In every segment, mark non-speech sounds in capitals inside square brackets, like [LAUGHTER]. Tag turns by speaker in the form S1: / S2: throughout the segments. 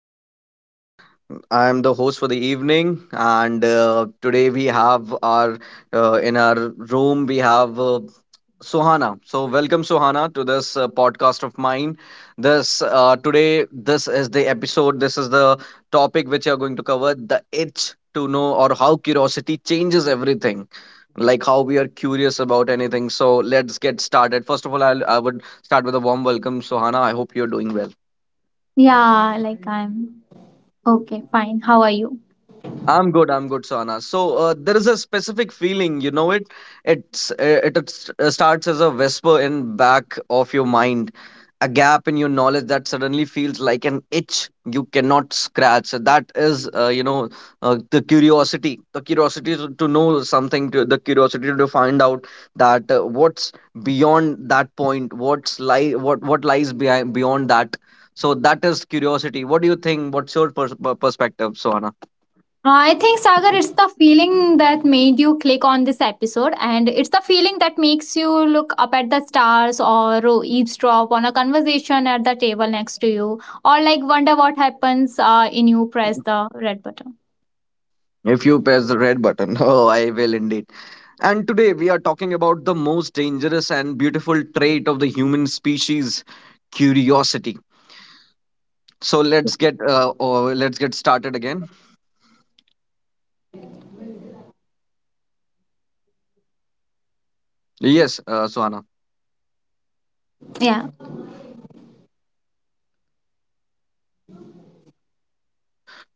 S1: Sagar. I am the host for the evening, and today we have our in our room we have Sohana. So welcome Sohana to this podcast of mine. This today this is the episode. This is the topic which you are going to cover: the itch to know, or how curiosity changes everything. Like how we are curious about anything. So let's get started. First of all, I would start with a warm welcome, Sohana. I hope you're doing well.
S2: Yeah, like I'm okay, fine. How are you?
S1: I'm good. I'm good, Sona. So there is a specific feeling, you know it. It's uh, it starts as a whisper in back of your mind, a gap in your knowledge that suddenly feels like an itch you cannot scratch. That is, the curiosity to know something, to, the curiosity to find out that what's beyond that point, what lies behind beyond that. So that is curiosity. What do you think? What's your perspective, Sona?
S2: I think, Sagar, it's the feeling that made you click on this episode, and it's the feeling that makes you look up at the stars or eavesdrop on a conversation at the table next to you, or like wonder what happens in you press the red button.
S1: If you press the red button, [LAUGHS] oh, I will indeed. And today we are talking about the most dangerous and beautiful trait of the human species, curiosity. So let's get let's get started again. Yes, Suhana.
S2: Yeah,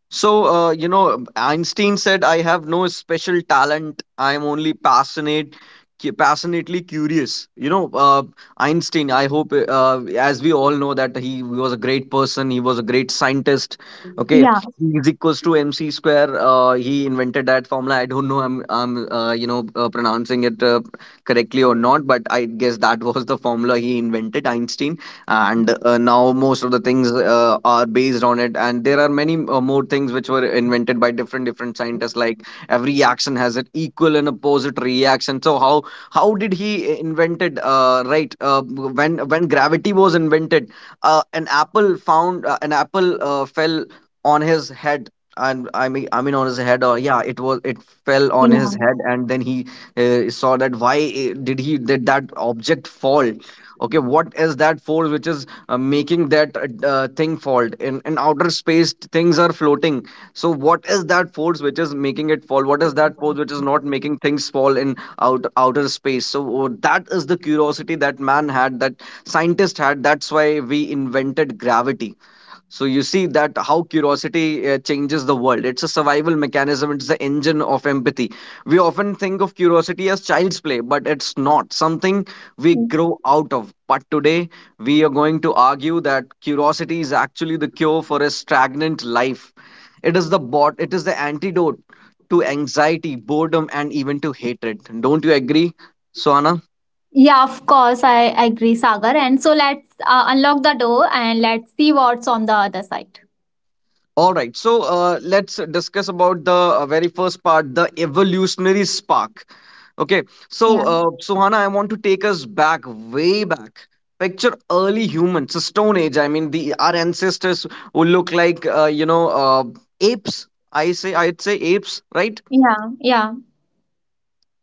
S1: So, you know, Einstein said, I have no special talent. I am only passionate, passionately curious. You know, Einstein, I hope, as we all know, that he was a great person. He was a great scientist. Okay.
S2: yeah,
S1: E is equals to MC square. He invented that formula. I don't know, I'm pronouncing it correctly or not, but I guess that [LAUGHS] was the formula he invented, Einstein, and now most of the things are based on it, and there are many more things which were invented by different scientists, like every action has an equal and opposite reaction. So how did he invented, when gravity was invented, an apple fell on his head. And on his head, or yeah, it fell on his head,
S2: yeah.
S1: and then he saw that, why did that object fall? Okay, what is that force which is making that thing fall? In in outer space, things are floating. So what is that force which is making it fall? What is that force which is not making things fall in outer space? So that is the curiosity that man had, that scientist had. That's why we invented gravity. So you see that how curiosity changes the world. It's a survival mechanism. It's the engine of empathy. We often think of curiosity as child's play, but it's not something we grow out of. But today we are going to argue that curiosity is actually the cure for a stagnant life. It is the bot. It is the antidote to anxiety, boredom, and even to hatred. Don't you agree, Swana?
S2: Yeah, of course, I agree, Sagar. And so let's unlock the door and let's see what's on the other side.
S1: All right, so let's discuss about the very first part, the evolutionary spark. Okay, so
S2: Yeah,
S1: Suhana, I want to take us back, way back. Picture early humans, the Stone Age. I mean, the our ancestors who look like apes. I'd say apes, right?
S2: yeah, yeah,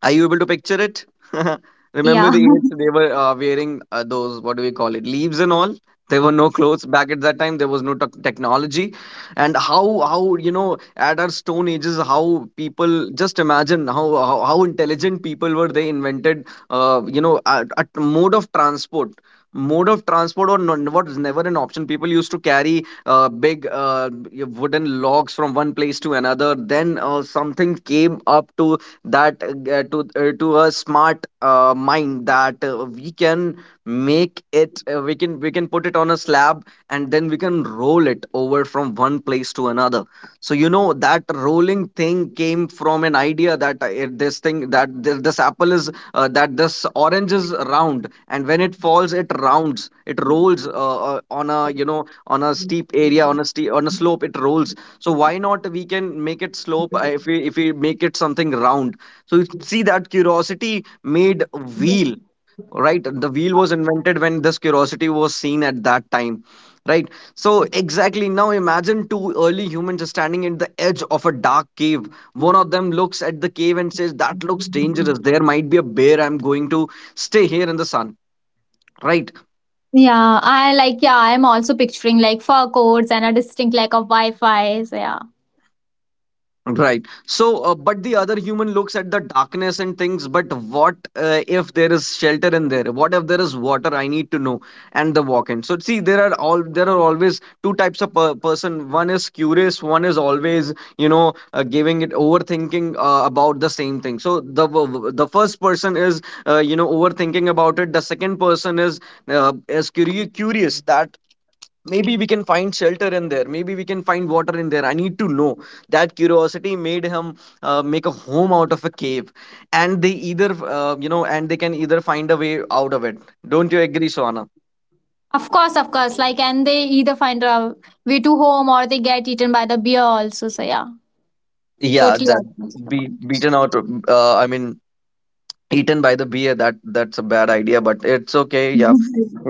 S1: Are you able to picture it? [LAUGHS] Remember
S2: yeah.
S1: the age they were wearing those, what do we call it, leaves and all? There were no clothes back at that time. There was no technology, and how, you know, at our stone ages, how people, just imagine how how intelligent people were. They invented, you know, a mode of transport, mode of transport, or non, what was never an option. People used to carry big wooden logs from one place to another. Then something came up to that, to a smart mind, that we can make it, we can put it on a slab, and then we can roll it over from one place to another. So you know, that rolling thing came from an idea that this thing, that this apple is that this orange is round, and when it falls, it rolls on a, you know, on a steep area, on a slope it rolls. So why not we can make it slope, if we make it something round. So you see that curiosity made a wheel, right? The wheel was invented when this curiosity was seen at that time, right? So exactly, now imagine two early humans standing at the edge of a dark cave. One of them looks at the cave and says, that looks dangerous. There might be a bear. I'm going to stay here in the sun. Right.
S2: Yeah, yeah, I'm also picturing like fur coats and a distinct lack of Wi-Fi. So yeah.
S1: Right. So, but the other human looks at the darkness and thinks, but what, if there is shelter in there? What if there is water? I need to know. And the walk-in. So, see, there are all there are always two types of per person. One is curious. One is always, you know, giving it overthinking about the same thing. So, the first person is, you know, overthinking about it. The second person is curious that maybe we can find shelter in there, maybe we can find water in there, I need to know. That curiosity made him make a home out of a cave, and they either, and they can either find a way out of it. Don't you agree, Swana?
S2: Of course, of course. Like, and they either find a way to home or they get eaten by the bear also. So yeah,
S1: Yeah,
S2: totally I
S1: that
S2: agree with the
S1: be
S2: point.
S1: beaten out I mean eaten by the beer, that that's a bad idea, but it's okay. Yeah.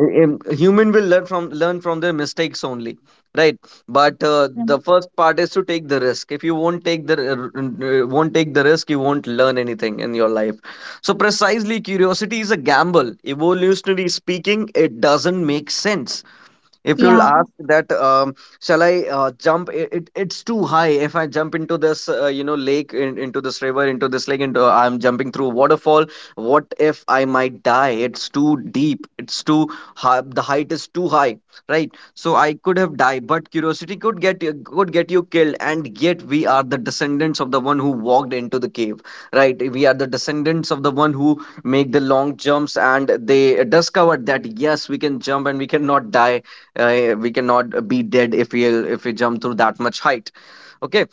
S1: Uh, um, human will learn from their mistakes only, right? But the first
S2: [LAUGHS]
S1: part is to take the risk. If you won't take the risk, you won't learn anything in your life. So precisely, curiosity is a gamble. Evolutionary speaking, it doesn't make sense. If you'll
S2: yeah.
S1: ask that, shall I, jump it, it's too high. If I jump into this, lake, into this river, into this lake, into, I'm jumping through waterfall, what if I might die? It's too deep, it's too high, the height is too high, right? So I could have died. But curiosity could get you, could get you killed. And yet we are the descendants of the one who walked into the cave, right? We are the descendants of the one who make the long jumps, and they discovered that yes, we can jump and we cannot die. We cannot be dead if we jump through that much height. Okay.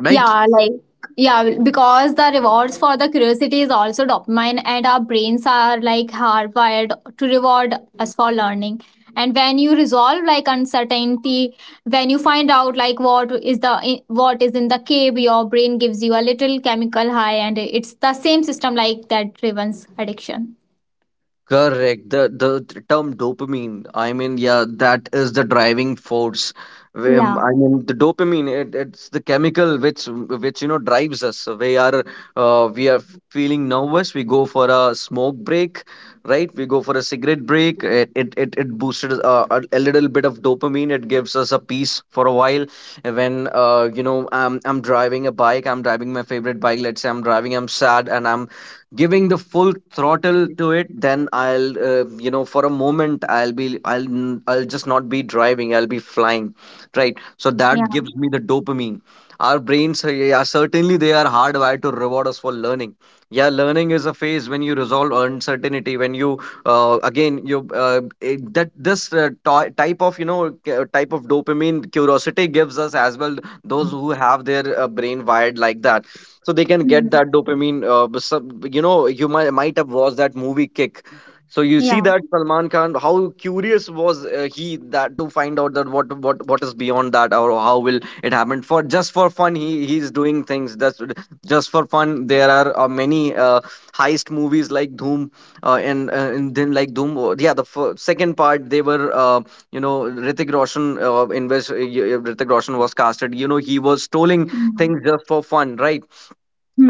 S1: Right.
S2: Yeah, like yeah, because the rewards for the curiosity is also dopamine, and our brains are like hardwired to reward us for learning. And when you resolve like uncertainty, when you find out like what is in the cave, your brain gives you a little chemical high, and it's the same system like that driven's addiction.
S1: Correct. The term dopamine. I mean, yeah, that is the driving force.
S2: Yeah,
S1: I mean, the dopamine. It's the chemical which you know drives us. So we are uh, we are feeling nervous. We go for a smoke break, right? We go for a cigarette break. It it boosted a little bit of dopamine. It gives us a peace for a while. And when, you know, I'm driving a bike. I'm driving my favorite bike. Let's say I'm driving. I'm sad and I'm giving the full throttle to it, then I'll for a moment I'll just not be driving, I'll be flying, right? So
S2: yeah.
S1: that gives me the dopamine. Our brains are, yeah, certainly they are hardwired to reward us for learning. Yeah, learning is a phase when you resolve uncertainty, when you again you it- that this ty- type of type of dopamine curiosity gives us as well. Those who have their brain wired like that, so they can
S2: Hmm.
S1: get that dopamine. But some, you know, you might have watched that movie Kick. So you
S2: Yeah.
S1: see that Salman Khan, how curious was he, that to find out that what what is beyond that, or how will it happen. For just for fun, he's doing things. That's just for fun. There are many, heist movies like Doom. And then like Doom, yeah, the second part, they were, you know Ritik Roshan, in which Ritik Roshan was casted, you know, he was stealing
S2: Hmm.
S1: things just for fun, right?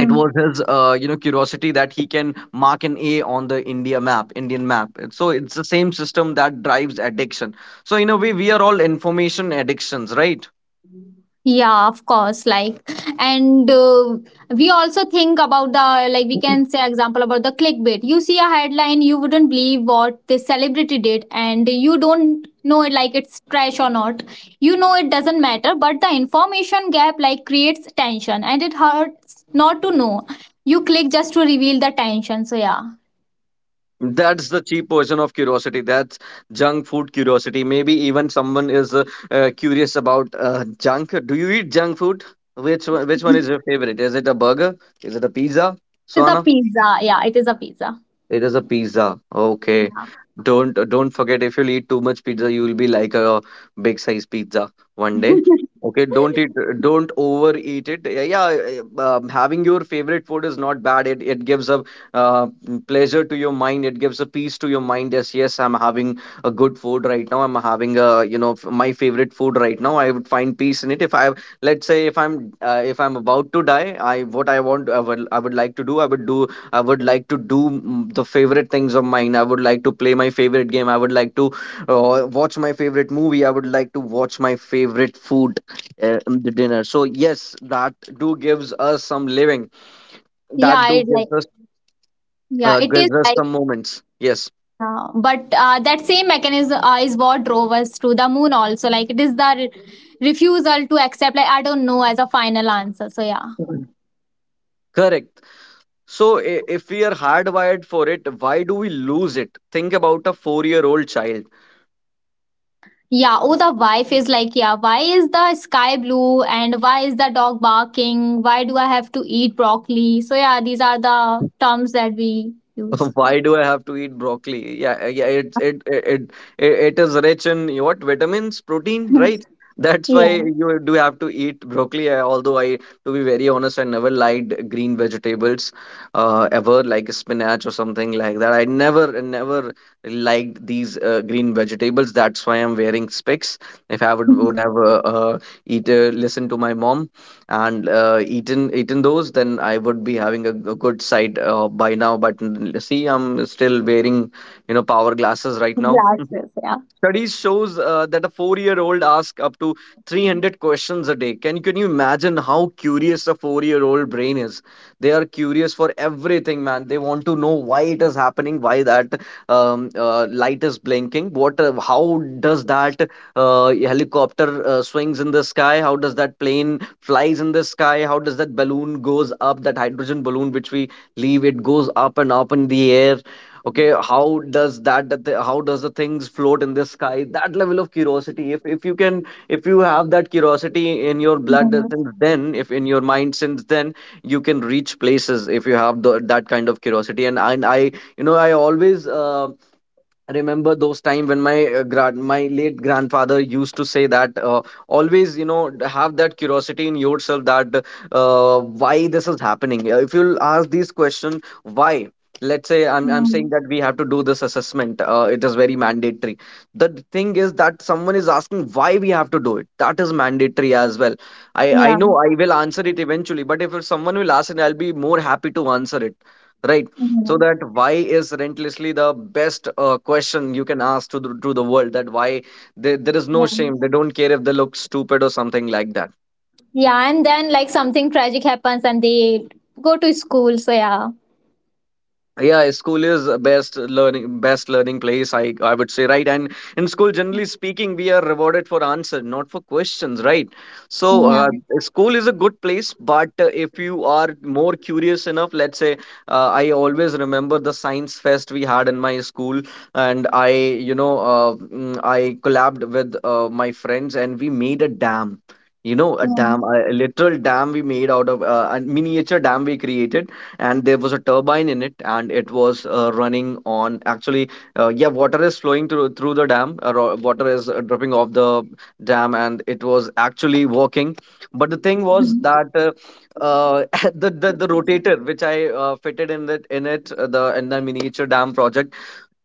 S1: It was his, curiosity, that he can mark an A on the India map, Indian map. And so it's the same system that drives addiction. So in a way, we are all information addictions, right?
S2: Yeah, of course. Like, and we also think about the like we can say example about the clickbait. You see a headline, you wouldn't believe what this celebrity did, and you don't know it like it's trash or not. You know it doesn't matter, but the information gap like creates tension, and it hurts not to know. You click just to reveal the tension. So yeah,
S1: That's the cheap version of curiosity. That's junk food curiosity. Maybe even someone is curious about, junk. Do you eat junk food? Which one is your favorite? Is it a burger? Is it a pizza?
S2: it's a
S1: Swana.
S2: pizza. Yeah, it is a pizza.
S1: It is a pizza. Okay. Don't forget, if you'll eat too much pizza, you will be like a big size pizza one day. Okay, don't eat, don't overeat it. Yeah, yeah, having your favorite food is not bad. It gives a uh, pleasure to your mind. It gives a peace to your mind. Yes, yes, I'm having a good food right now. I'm having a, you know, my favorite food right now. I would find peace in it. If I let's say if I'm, if I'm about to die, I would like to do. I would like to do, the favorite things of mine. I would like to play my favorite game. I would like to watch my favorite movie. I would like to watch my favorite food, in the dinner. So yes, that do gives us some living. That
S2: Yeah,
S1: do
S2: it
S1: gives
S2: like
S1: us
S2: yeah, it is
S1: Gives us
S2: like,
S1: some moments. Yes,
S2: Yeah, but that same mechanism is what drove us to the moon also, like it is the refusal to accept like I don't know as a final answer. So yeah,
S1: correct. So, if we are hardwired for it, why do we lose it? Think about a four-year-old child.
S2: yeah. Oh, the wife is like, "Yeah, why is the sky blue, and why is the dog barking, why do I have to eat broccoli?" So yeah, these are the terms that we use.
S1: [LAUGHS] Why do I have to eat broccoli? Yeah, yeah, it is rich in what, vitamins, protein,
S2: Yeah.
S1: right? That's
S2: [LAUGHS]
S1: why
S2: yeah.
S1: you do have to eat broccoli. Although I, to be very honest, I never liked green vegetables, ever, like spinach or something like that. I never liked these green vegetables. That's why I'm wearing specs. If I would
S2: [LAUGHS]
S1: have eat listened to my mom, and eaten those, then I would be having a good sight by now. But see, I'm still wearing, you know, power glasses right now.
S2: glasses, yeah.
S1: Studies shows that a four-year-old asks up to 300 questions a day. Can you imagine how curious a four-year-old brain is? They are curious for everything, man. They want to know why it is happening, why that light is blinking, what, how does that helicopter swings in the sky? How does that plane flies in the sky? How does that balloon goes up? That hydrogen balloon which we leave, it goes up and up in the air. Okay, how does that that the how does the things float in the sky? That level of curiosity, if you can, if you have that curiosity in your blood
S2: Mhm.
S1: since then, if in your mind since then, you can reach places. If you have the, that kind of curiosity, and I you know, I always, I remember those time when my, grand my late grandfather used to say that, always, you know, have that curiosity in yourself, that why this is happening. If you'll ask these question, why. Let's say I'm saying
S2: Mhm.
S1: that we have to do this assessment, it is very mandatory. The thing is that someone is asking why we have to do it, that is mandatory as well. I
S2: Yeah.
S1: know I will answer it eventually, but if someone will ask it, I'll be more happy to answer it, right? So
S2: Mhm.
S1: that why is relentlessly the best question you can ask to the world, that why. They, there is no
S2: Yeah.
S1: shame. They don't care if they look stupid or something like that.
S2: Yeah, and then like something tragic happens and they go to school. So yeah,
S1: Yeah, school is best learning place, I would say, right? And in school, generally speaking, we are rewarded for answer, not for questions, right? so
S2: yeah,
S1: uh, School is a good place, but if you are more curious enough, let's say, I always remember the science fest we had in my school. And I, you know, I collabed with, my friends, and we made a dam. You know, a dam,
S2: yeah.
S1: a literal dam we made out of, a miniature dam we created. And there was a turbine in it, and it was running on, actually, yeah, water is flowing through the dam. Water is dripping off the dam, and it was actually working. But the thing was that, uh, [LAUGHS] the rotator which I fitted in the miniature dam project,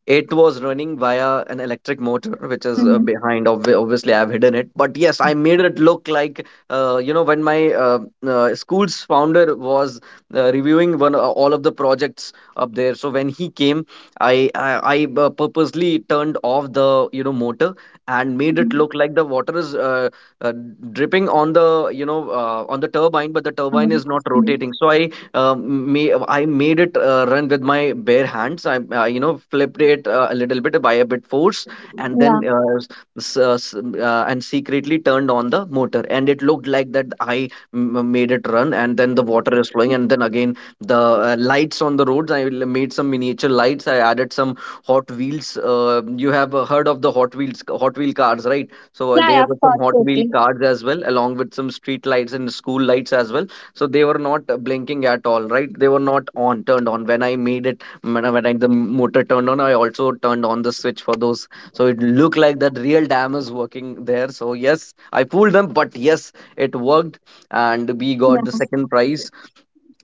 S1: it was running via an electric motor, which is
S2: Mm-hmm. Mm-hmm.
S1: behind. Obviously, I've hidden it, but yes, I made it look like, when my, school's founder was reviewing one all of the projects up there. So when he came, I purposely turned off the, you know, motor, and made it look like the water is, uh, dripping on the, you know, on the turbine, but the turbine is not rotating. So I, I made it run with my bare hands. I, flipped it a little bit, by a bit force, and
S2: Yeah,
S1: then, and secretly turned on the motor. And it looked like that I made it run, and then the water is flowing, and then again the, lights on the roads. I made some miniature lights. I added some Hot Wheels. You have heard of the Hot Wheels, Hot Wheel cars, right? So
S2: yeah, yeah,
S1: there were
S2: of
S1: some
S2: course,
S1: Hot Wheel
S2: totally.
S1: cars as well, along with some street lights and school lights as well. So they were not blinking at all, right? They were not on, turned on. When I made it, when I, the motor turned on, I also turned on the switch for those. So it looked like that real dam is working there. So yes, I fooled them, but yes, it worked. And we
S2: Yeah,
S1: got the second prize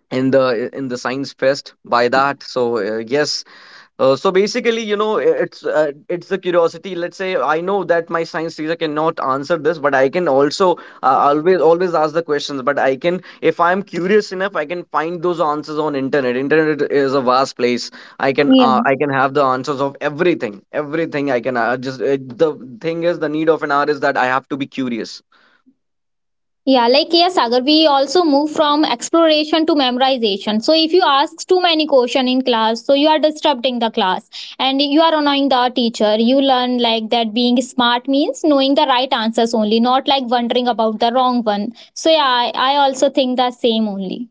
S1: in the science fest by that. So, yes, so basically, you know, it's, it's the curiosity. Let's say I know that my science teacher cannot answer this, but I can also, always ask the questions. But I can, if I'm curious enough, I can find those answers on internet. Internet is a vast place. I can,
S2: yeah.
S1: I can have the answers of everything, everything. I can just the thing is, the need of an hour is that I have to be curious.
S2: Yeah, like yeah, Sagar, we also move from exploration to memorization. So if you ask too many question in class, so you are disrupting the class and you are annoying the teacher. You learn like that being smart means knowing the right answers only, not like wondering about the wrong one. So yeah, I also think the same only.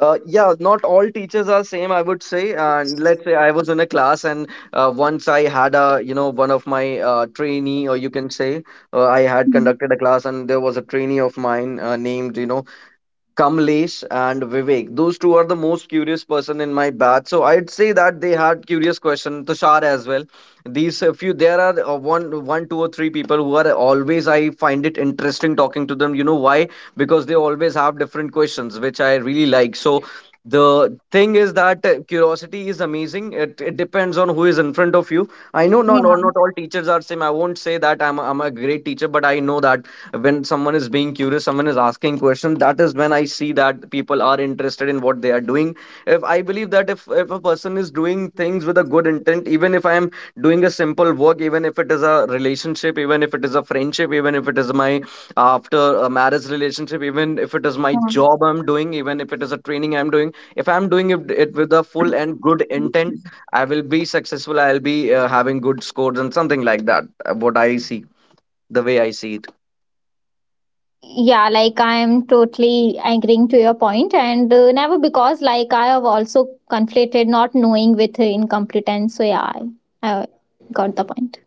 S1: Yeah, not all teachers are same, I would say. And let's say I was in a class, and once I had a, you know, one of my trainee, or you can say, I had
S2: Mhm.
S1: conducted a class, and there was a trainee of mine named, you know, Kamlesh and Vivek. Those two are the most curious person in my batch. So I'd say that they had curious question. Tushar as well. These a few there are One, two or three people who are always, I find it interesting talking to them. You know why? Because they always have different questions, which I really like. So the thing is that, curiosity is amazing. It depends on who is in front of you. I know, not
S2: Yeah,
S1: not all teachers are same. I won't say that I'm a great teacher, but I know that when someone is being curious, someone is asking questions, that is when I see that people are interested in what they are doing. If I believe that, if a person is doing things with a good intent, even if I am doing a simple work, even if it is a relationship, even if it is a friendship, even if it is my after a marriage relationship, even if it is my
S2: yeah.
S1: job I'm doing, even if it is a training I'm doing, if I'm doing it with a full and good intent, I will be successful. I'll be, having good scores and something like that, what I see, the way I see.
S2: Yeah, like I am totally agreeing to your point, and never because like I have also conflated not knowing with incompetence. So yeah, I got the point.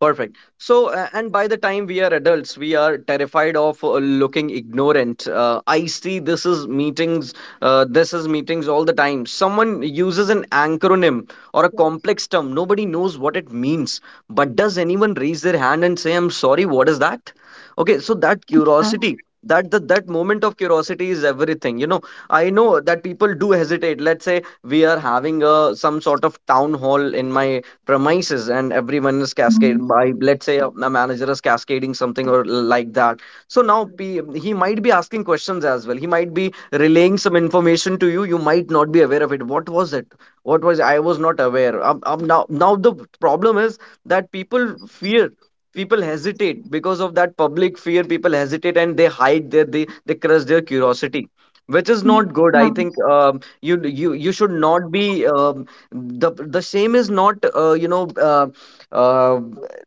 S1: Perfect. So, and by the time we are adults, we are terrified of, looking ignorant. I see this is meetings all the time. Someone uses an acronym or a complex term. Nobody knows what it means. But does anyone raise their hand and say, I'm sorry, what is that? Okay, so that
S2: Yeah.
S1: curiosity. That moment of curiosity is everything. I know that people do hesitate. Let's say we are having a some sort of town hall in my premises and everyone is cascaded
S2: Mhm.
S1: by, let's say a manager is cascading something or like that. So now P, he might be asking questions as well, he might be relaying some information to you, you might not be aware of it. What was it? What was I was not aware. Now the problem is that people fear, people hesitate because of that public fear, people hesitate and they hide their they crush their curiosity, which is not
S2: Yeah.
S1: good, I think. You should not be the same is not uh,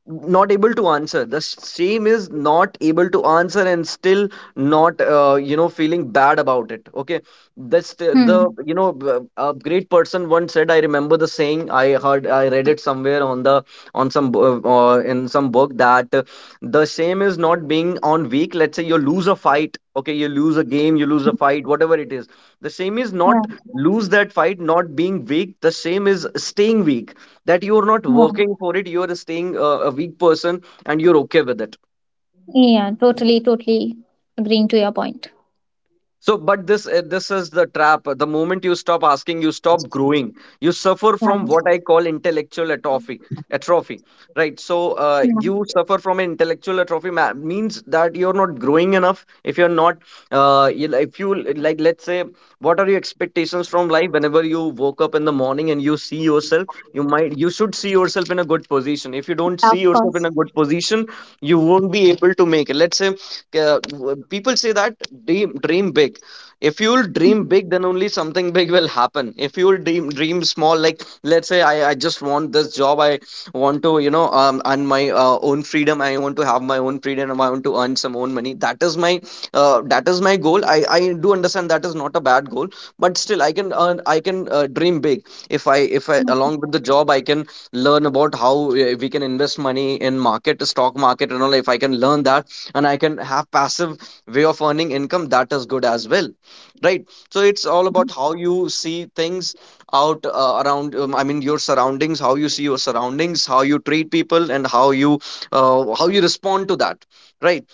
S1: not able to answer, the same is not able to answer and still not, feeling bad about it. Okay, that's
S2: Hmm.
S1: the, you know a great person once said, I remember the saying, I heard I read it somewhere on the on some in some book that the same is not being on weak. Let's say you lose a fight, okay, you lose a game, you lose a fight, whatever it is, the same is
S2: Yeah.
S1: not lose that fight, not being weak, the same is staying weak, that you're not
S2: Yeah.
S1: working for it, you're staying a weak person and you're okay with it.
S2: Yeah. Totally. Totally agreeing to your point.
S1: So but this is the trap. The moment you stop asking, you stop growing. You suffer
S2: Yeah.
S1: from what I call intellectual atrophy. Atrophy, right? So
S2: Yeah.
S1: you suffer from an intellectual atrophy. Means that you're not growing enough. If you're not if you, like, let's say, what are your expectations from life? Whenever you woke up in the morning and you see yourself, you might, you should see yourself in a good position. If you don't
S2: Yeah,
S1: see
S2: of
S1: yourself in
S2: course.
S1: a good position, you won't be able to make it. Let's say uh, people say that, dream, dream big. If you'll dream big, then only something big will happen. If you'll dream small, like, let's say, I just want this job, I want to, earn my own freedom, I want to have my own freedom, I want to earn some own money, that is my, that is my goal. I do understand that is not a bad goal, but still I can earn, I can, dream big. If I, if I along with the job I can learn about how we can invest money in market, stock market and all, if I can learn that and I can have passive way of earning income, that is good as well, right? So it's all about how you see things out around, I mean, your surroundings, how you see your surroundings, how you treat people and how you, how you respond to that, right?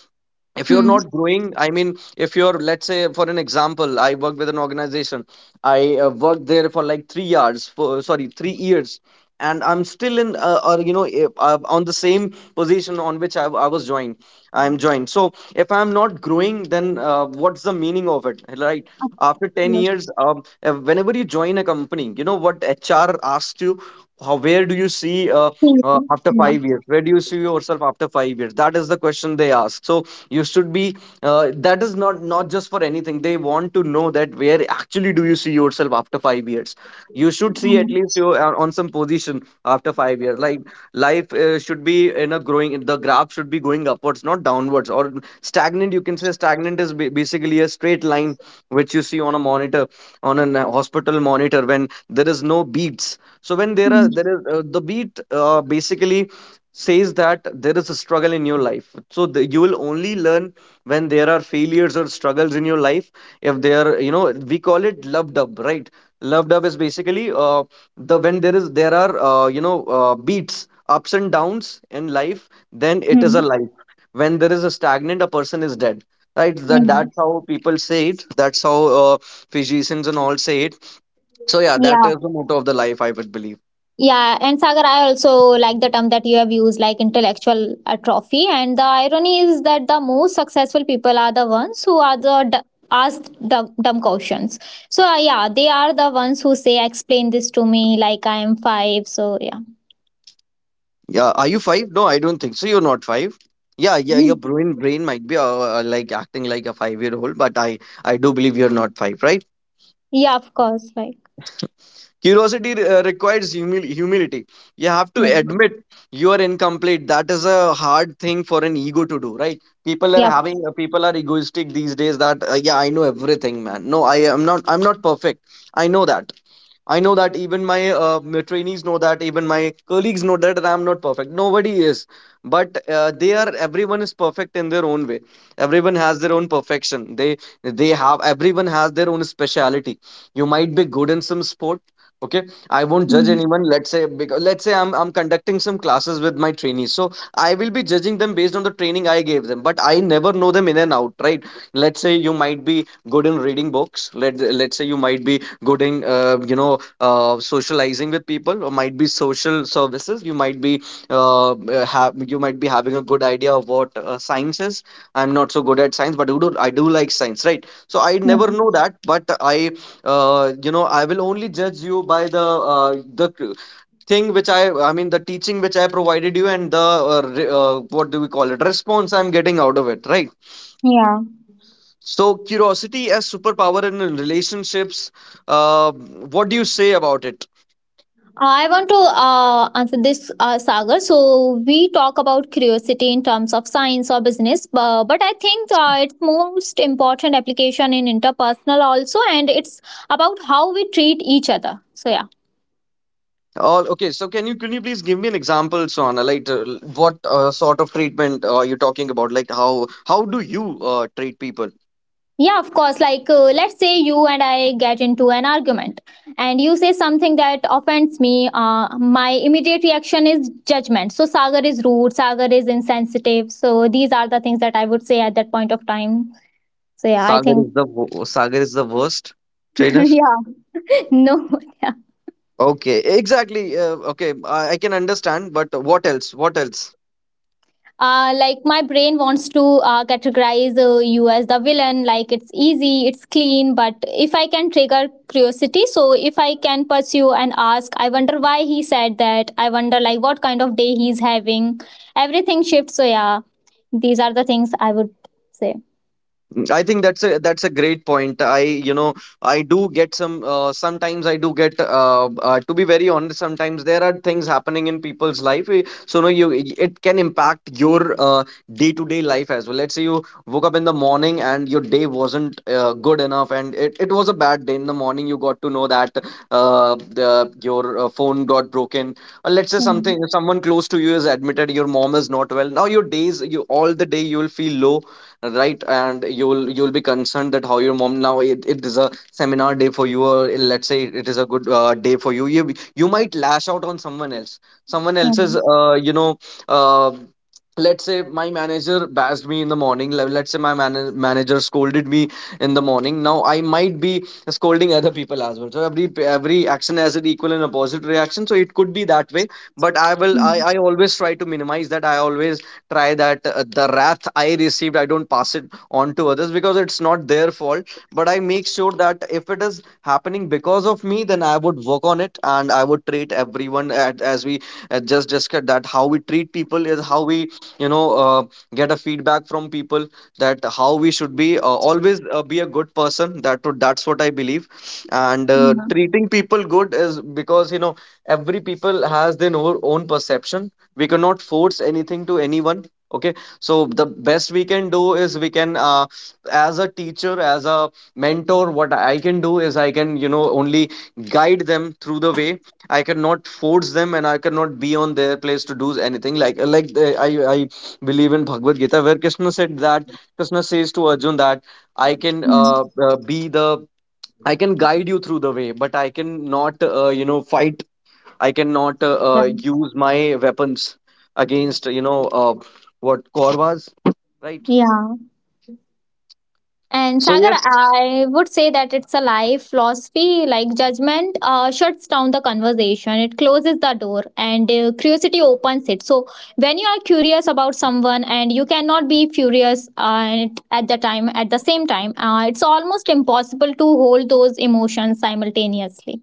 S1: If you're
S2: Hmm.
S1: not growing, I mean, if you're, let's say, for an example, I worked with an organization, I worked there for like 3 years, for sorry, 3 years, and I'm still in, or you know, if, on the same position on which I was joined, I'm joined. So if I'm not growing, then what's the meaning of it, right? After 10
S2: Yeah.
S1: years, whenever you join a company, you know what HR asks you, how, where do you see, after
S2: Yeah.
S1: 5 years, where do you see yourself after 5 years? That is the question they ask. So you should be, that is not not just for anything, they want to know that where actually do you see yourself after 5 years. You should see at
S2: Hmm.
S1: least you are on some position after 5 years. Like, life should be in a growing, the graph should be going upwards, not downwards or stagnant. You can say stagnant is basically a straight line which you see on a monitor, on an hospital monitor when there is no beats. So when there are there is the beat basically says that there is a struggle in your life. So the, you will only learn when there are failures or struggles in your life. If there, you know, we call it love dub, right? Love dub is basically the, when there is there are beats, ups and downs in life, then it
S2: Hmm.
S1: is a life. When there is a stagnant, a person is dead, right? That that's
S2: Yeah.
S1: how people say it, that's how physicians and all say it. So yeah, that is
S2: Yeah.
S1: the motto of the life, I would believe.
S2: Yeah, and Sagar, I also like the term that you have used, like intellectual atrophy. And the irony is that the most successful people are the ones who are the asked dumb, dumb questions. So yeah, they are the ones who say, "Explain this to me," like I am five. So yeah,
S1: Yeah, are you five? No, I don't think so, you're not five. Yeah, yeah, your brain might be like acting like a 5 year old, but I do believe you're not five, right?
S2: yeah, of course, like
S1: Curiosity requires humility. You have to
S2: yeah,
S1: admit you are incomplete. That is a hard thing for an ego to do, right? People are
S2: yeah.
S1: having, people are egoistic these days. That, yeah, I know everything, man. No, I am not, I'm not perfect. I know that. I know that even my, my trainees know that, even my colleagues know that, I'm not perfect. Nobody is, but they are. Everyone is perfect in their own way. Everyone has their own perfection. They have. Everyone has their own speciality. You might be good in some sport. Okay, I won't judge
S2: Mm,
S1: anyone. Let's say because, let's say, I'm conducting some classes with my trainees, so I will be judging them based on the training I gave them. But I never know them in and out, right? Let's say you might be good in reading books. Let's say you might be Gooding, socializing with people, or might be social services. You might be have, you might be having a good idea of what science is. I'm not so good at science, but I do like science, right? So I never know
S2: mm,
S1: that, but I, I will only judge you by uh, the thing which I mean, the teaching which I provided you and the, what do we call it, response I'm getting out of it, right?
S2: yeah.
S1: So, curiosity as superpower in relationships. What do you say about it?
S2: I want to answer this, Sagar. So we talk about curiosity in terms of science or business, but I think its most important application in interpersonal also, and it's about how we treat each other. So yeah,
S1: Okay, so can you, can you please give me an example, Sona? Like, what sort of treatment are you talking about? Like, how do you treat people?
S2: yeah, of course. Like let's say you and I get into an argument, and you say something that offends me. My immediate reaction is judgment. So Sagar is rude. Sagar is insensitive. So these are the things that I would say at that point of time. So yeah, I
S1: Sagar
S2: think
S1: is the Sagar is the worst
S2: [LAUGHS]
S1: trainer.
S2: yeah. No, [LAUGHS] yeah.
S1: Okay, exactly. Okay, I can understand, but what else? What else?
S2: Like my brain wants to categorize you as the villain. Like it's easy, it's clean. But if I can trigger curiosity, so if I can pursue and ask, I wonder why he said that. I wonder like what kind of day he's having. Everything shifts. So yeah, these are the things I would say.
S1: I think that's a, that's a great point. I. I do get some, sometimes I do get, to be very honest, sometimes there are things happening in people's life, eh, so no, you, it can impact your, day-to-day life as well. Let's say you woke up in the morning and your day wasn't good enough and it was a bad day in the morning, you got to know that your phone got broken, or let's say
S2: Yeah,
S1: something, someone close to you is admitted, your mom is not well, now your days, you all the day you will feel low, right, and you'll be concerned that how your mom, now it is a seminar day for you, or let's say it is a good day for you, you might lash out on someone else, someone
S2: yeah,
S1: else's, uh, let's say my manager bashed me in the morning, let's say my manager scolded me in the morning, now I might be scolding other people as well. So every action has an equal and opposite reaction, so it could be that way. But I always try to minimize that. I always try that the wrath I received, I don't pass it on to others, because it's not their fault. But I make sure that if it is happening because of me, then I would work on it, and I would treat everyone at, as we just discussed, that how we treat people is how we, you know, uh, get a feedback from people, that how we should be, always be a good person. That's what I believe. And
S2: yeah,
S1: treating people good is, because every people has their own perception. We cannot force anything to anyone. Okay, so the best we can do is we can, as a teacher, as a mentor, what I can do is I can, only guide them through the way. I cannot force them and I cannot be on their place to do anything. I believe in Bhagavad Gita, where Krishna said that, Krishna says to Arjun that I can, be the, I can guide you through the way, but I can not, fight. I cannot
S2: yeah.
S1: use my weapons against, what, Korvas, right?
S2: Yeah. And
S1: So
S2: Sagar,
S1: yes,
S2: I would say that it's a life philosophy. Like judgment shuts down the conversation, it closes the door, and curiosity opens it. So when you are curious about someone, and you cannot be furious at the time, at the same time, it's almost impossible to hold those emotions simultaneously.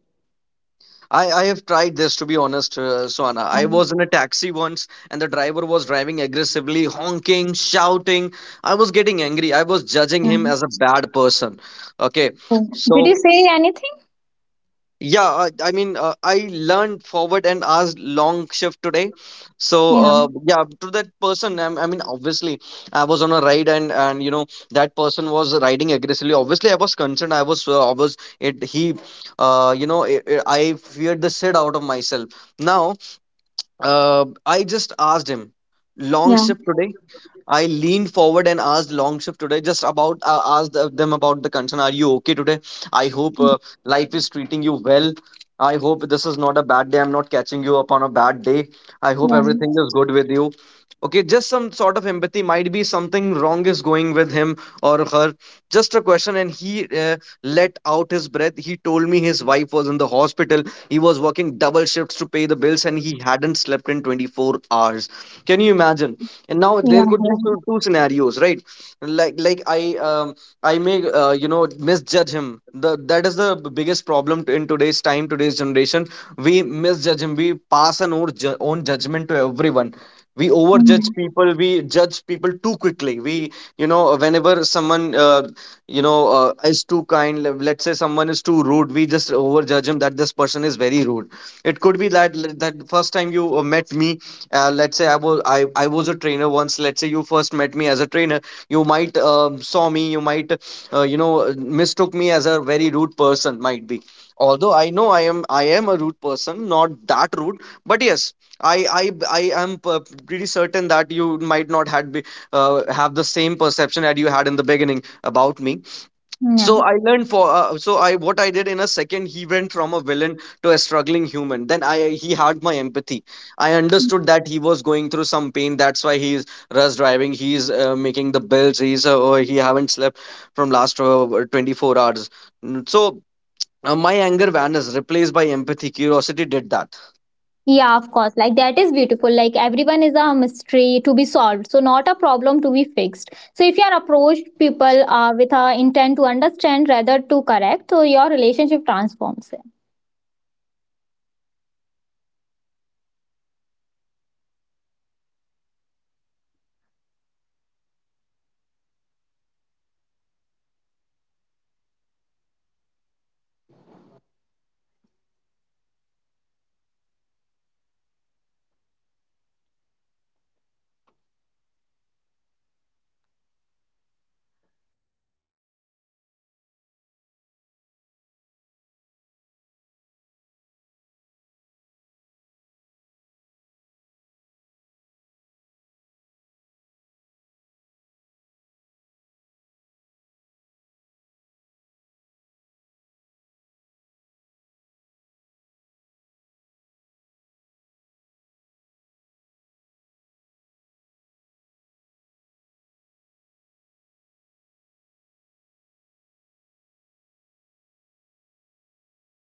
S1: I have tried this to be honest, Swana. I
S2: Yeah,
S1: was in a taxi once, and the driver was driving aggressively, honking, shouting. I was getting angry. I was judging
S2: yeah.
S1: him as a bad person. Okay,
S2: So,
S1: so,
S2: did you say anything?
S1: yeah, I mean, I learned forward and asked, long shift today. So,
S2: Yeah,
S1: yeah, to that person, I mean, obviously, I was on a ride, and you know that person was riding aggressively. Obviously, I was concerned. I was it. He, uh, you know, i I feared the shit out of myself. Now, I just asked him, long
S2: yeah,
S1: shift today. I leaned forward and asked, long shift today, just about, asked them about the concern. Are you okay today? I hope life is treating you well. I hope this is not a bad day. I'm not catching you up on a bad day. I hope
S2: yeah,
S1: everything is good with you. Okay, just some sort of empathy, might be something wrong is going with him or her. Just a question, and he, let out his breath. He told me his wife was in the hospital. He was working double shifts to pay the bills, and he hadn't slept in 24 hours. Can you imagine? And now
S2: yeah.
S1: there could be two
S2: Yeah.
S1: two scenarios, right? like like i um, I may, misjudge him. The That is the biggest problem in today's time, today's generation. We misjudge him, we pass an own judgment to everyone. We overjudge
S2: Mhm.
S1: people, we judge people too quickly, we, whenever someone you know
S2: Yeah. Yeah, of course. Like that is beautiful. Like everyone is a mystery to be solved, so not a problem to be fixed. So if you are approached people with a intent to understand rather to correct, so your relationship transforms.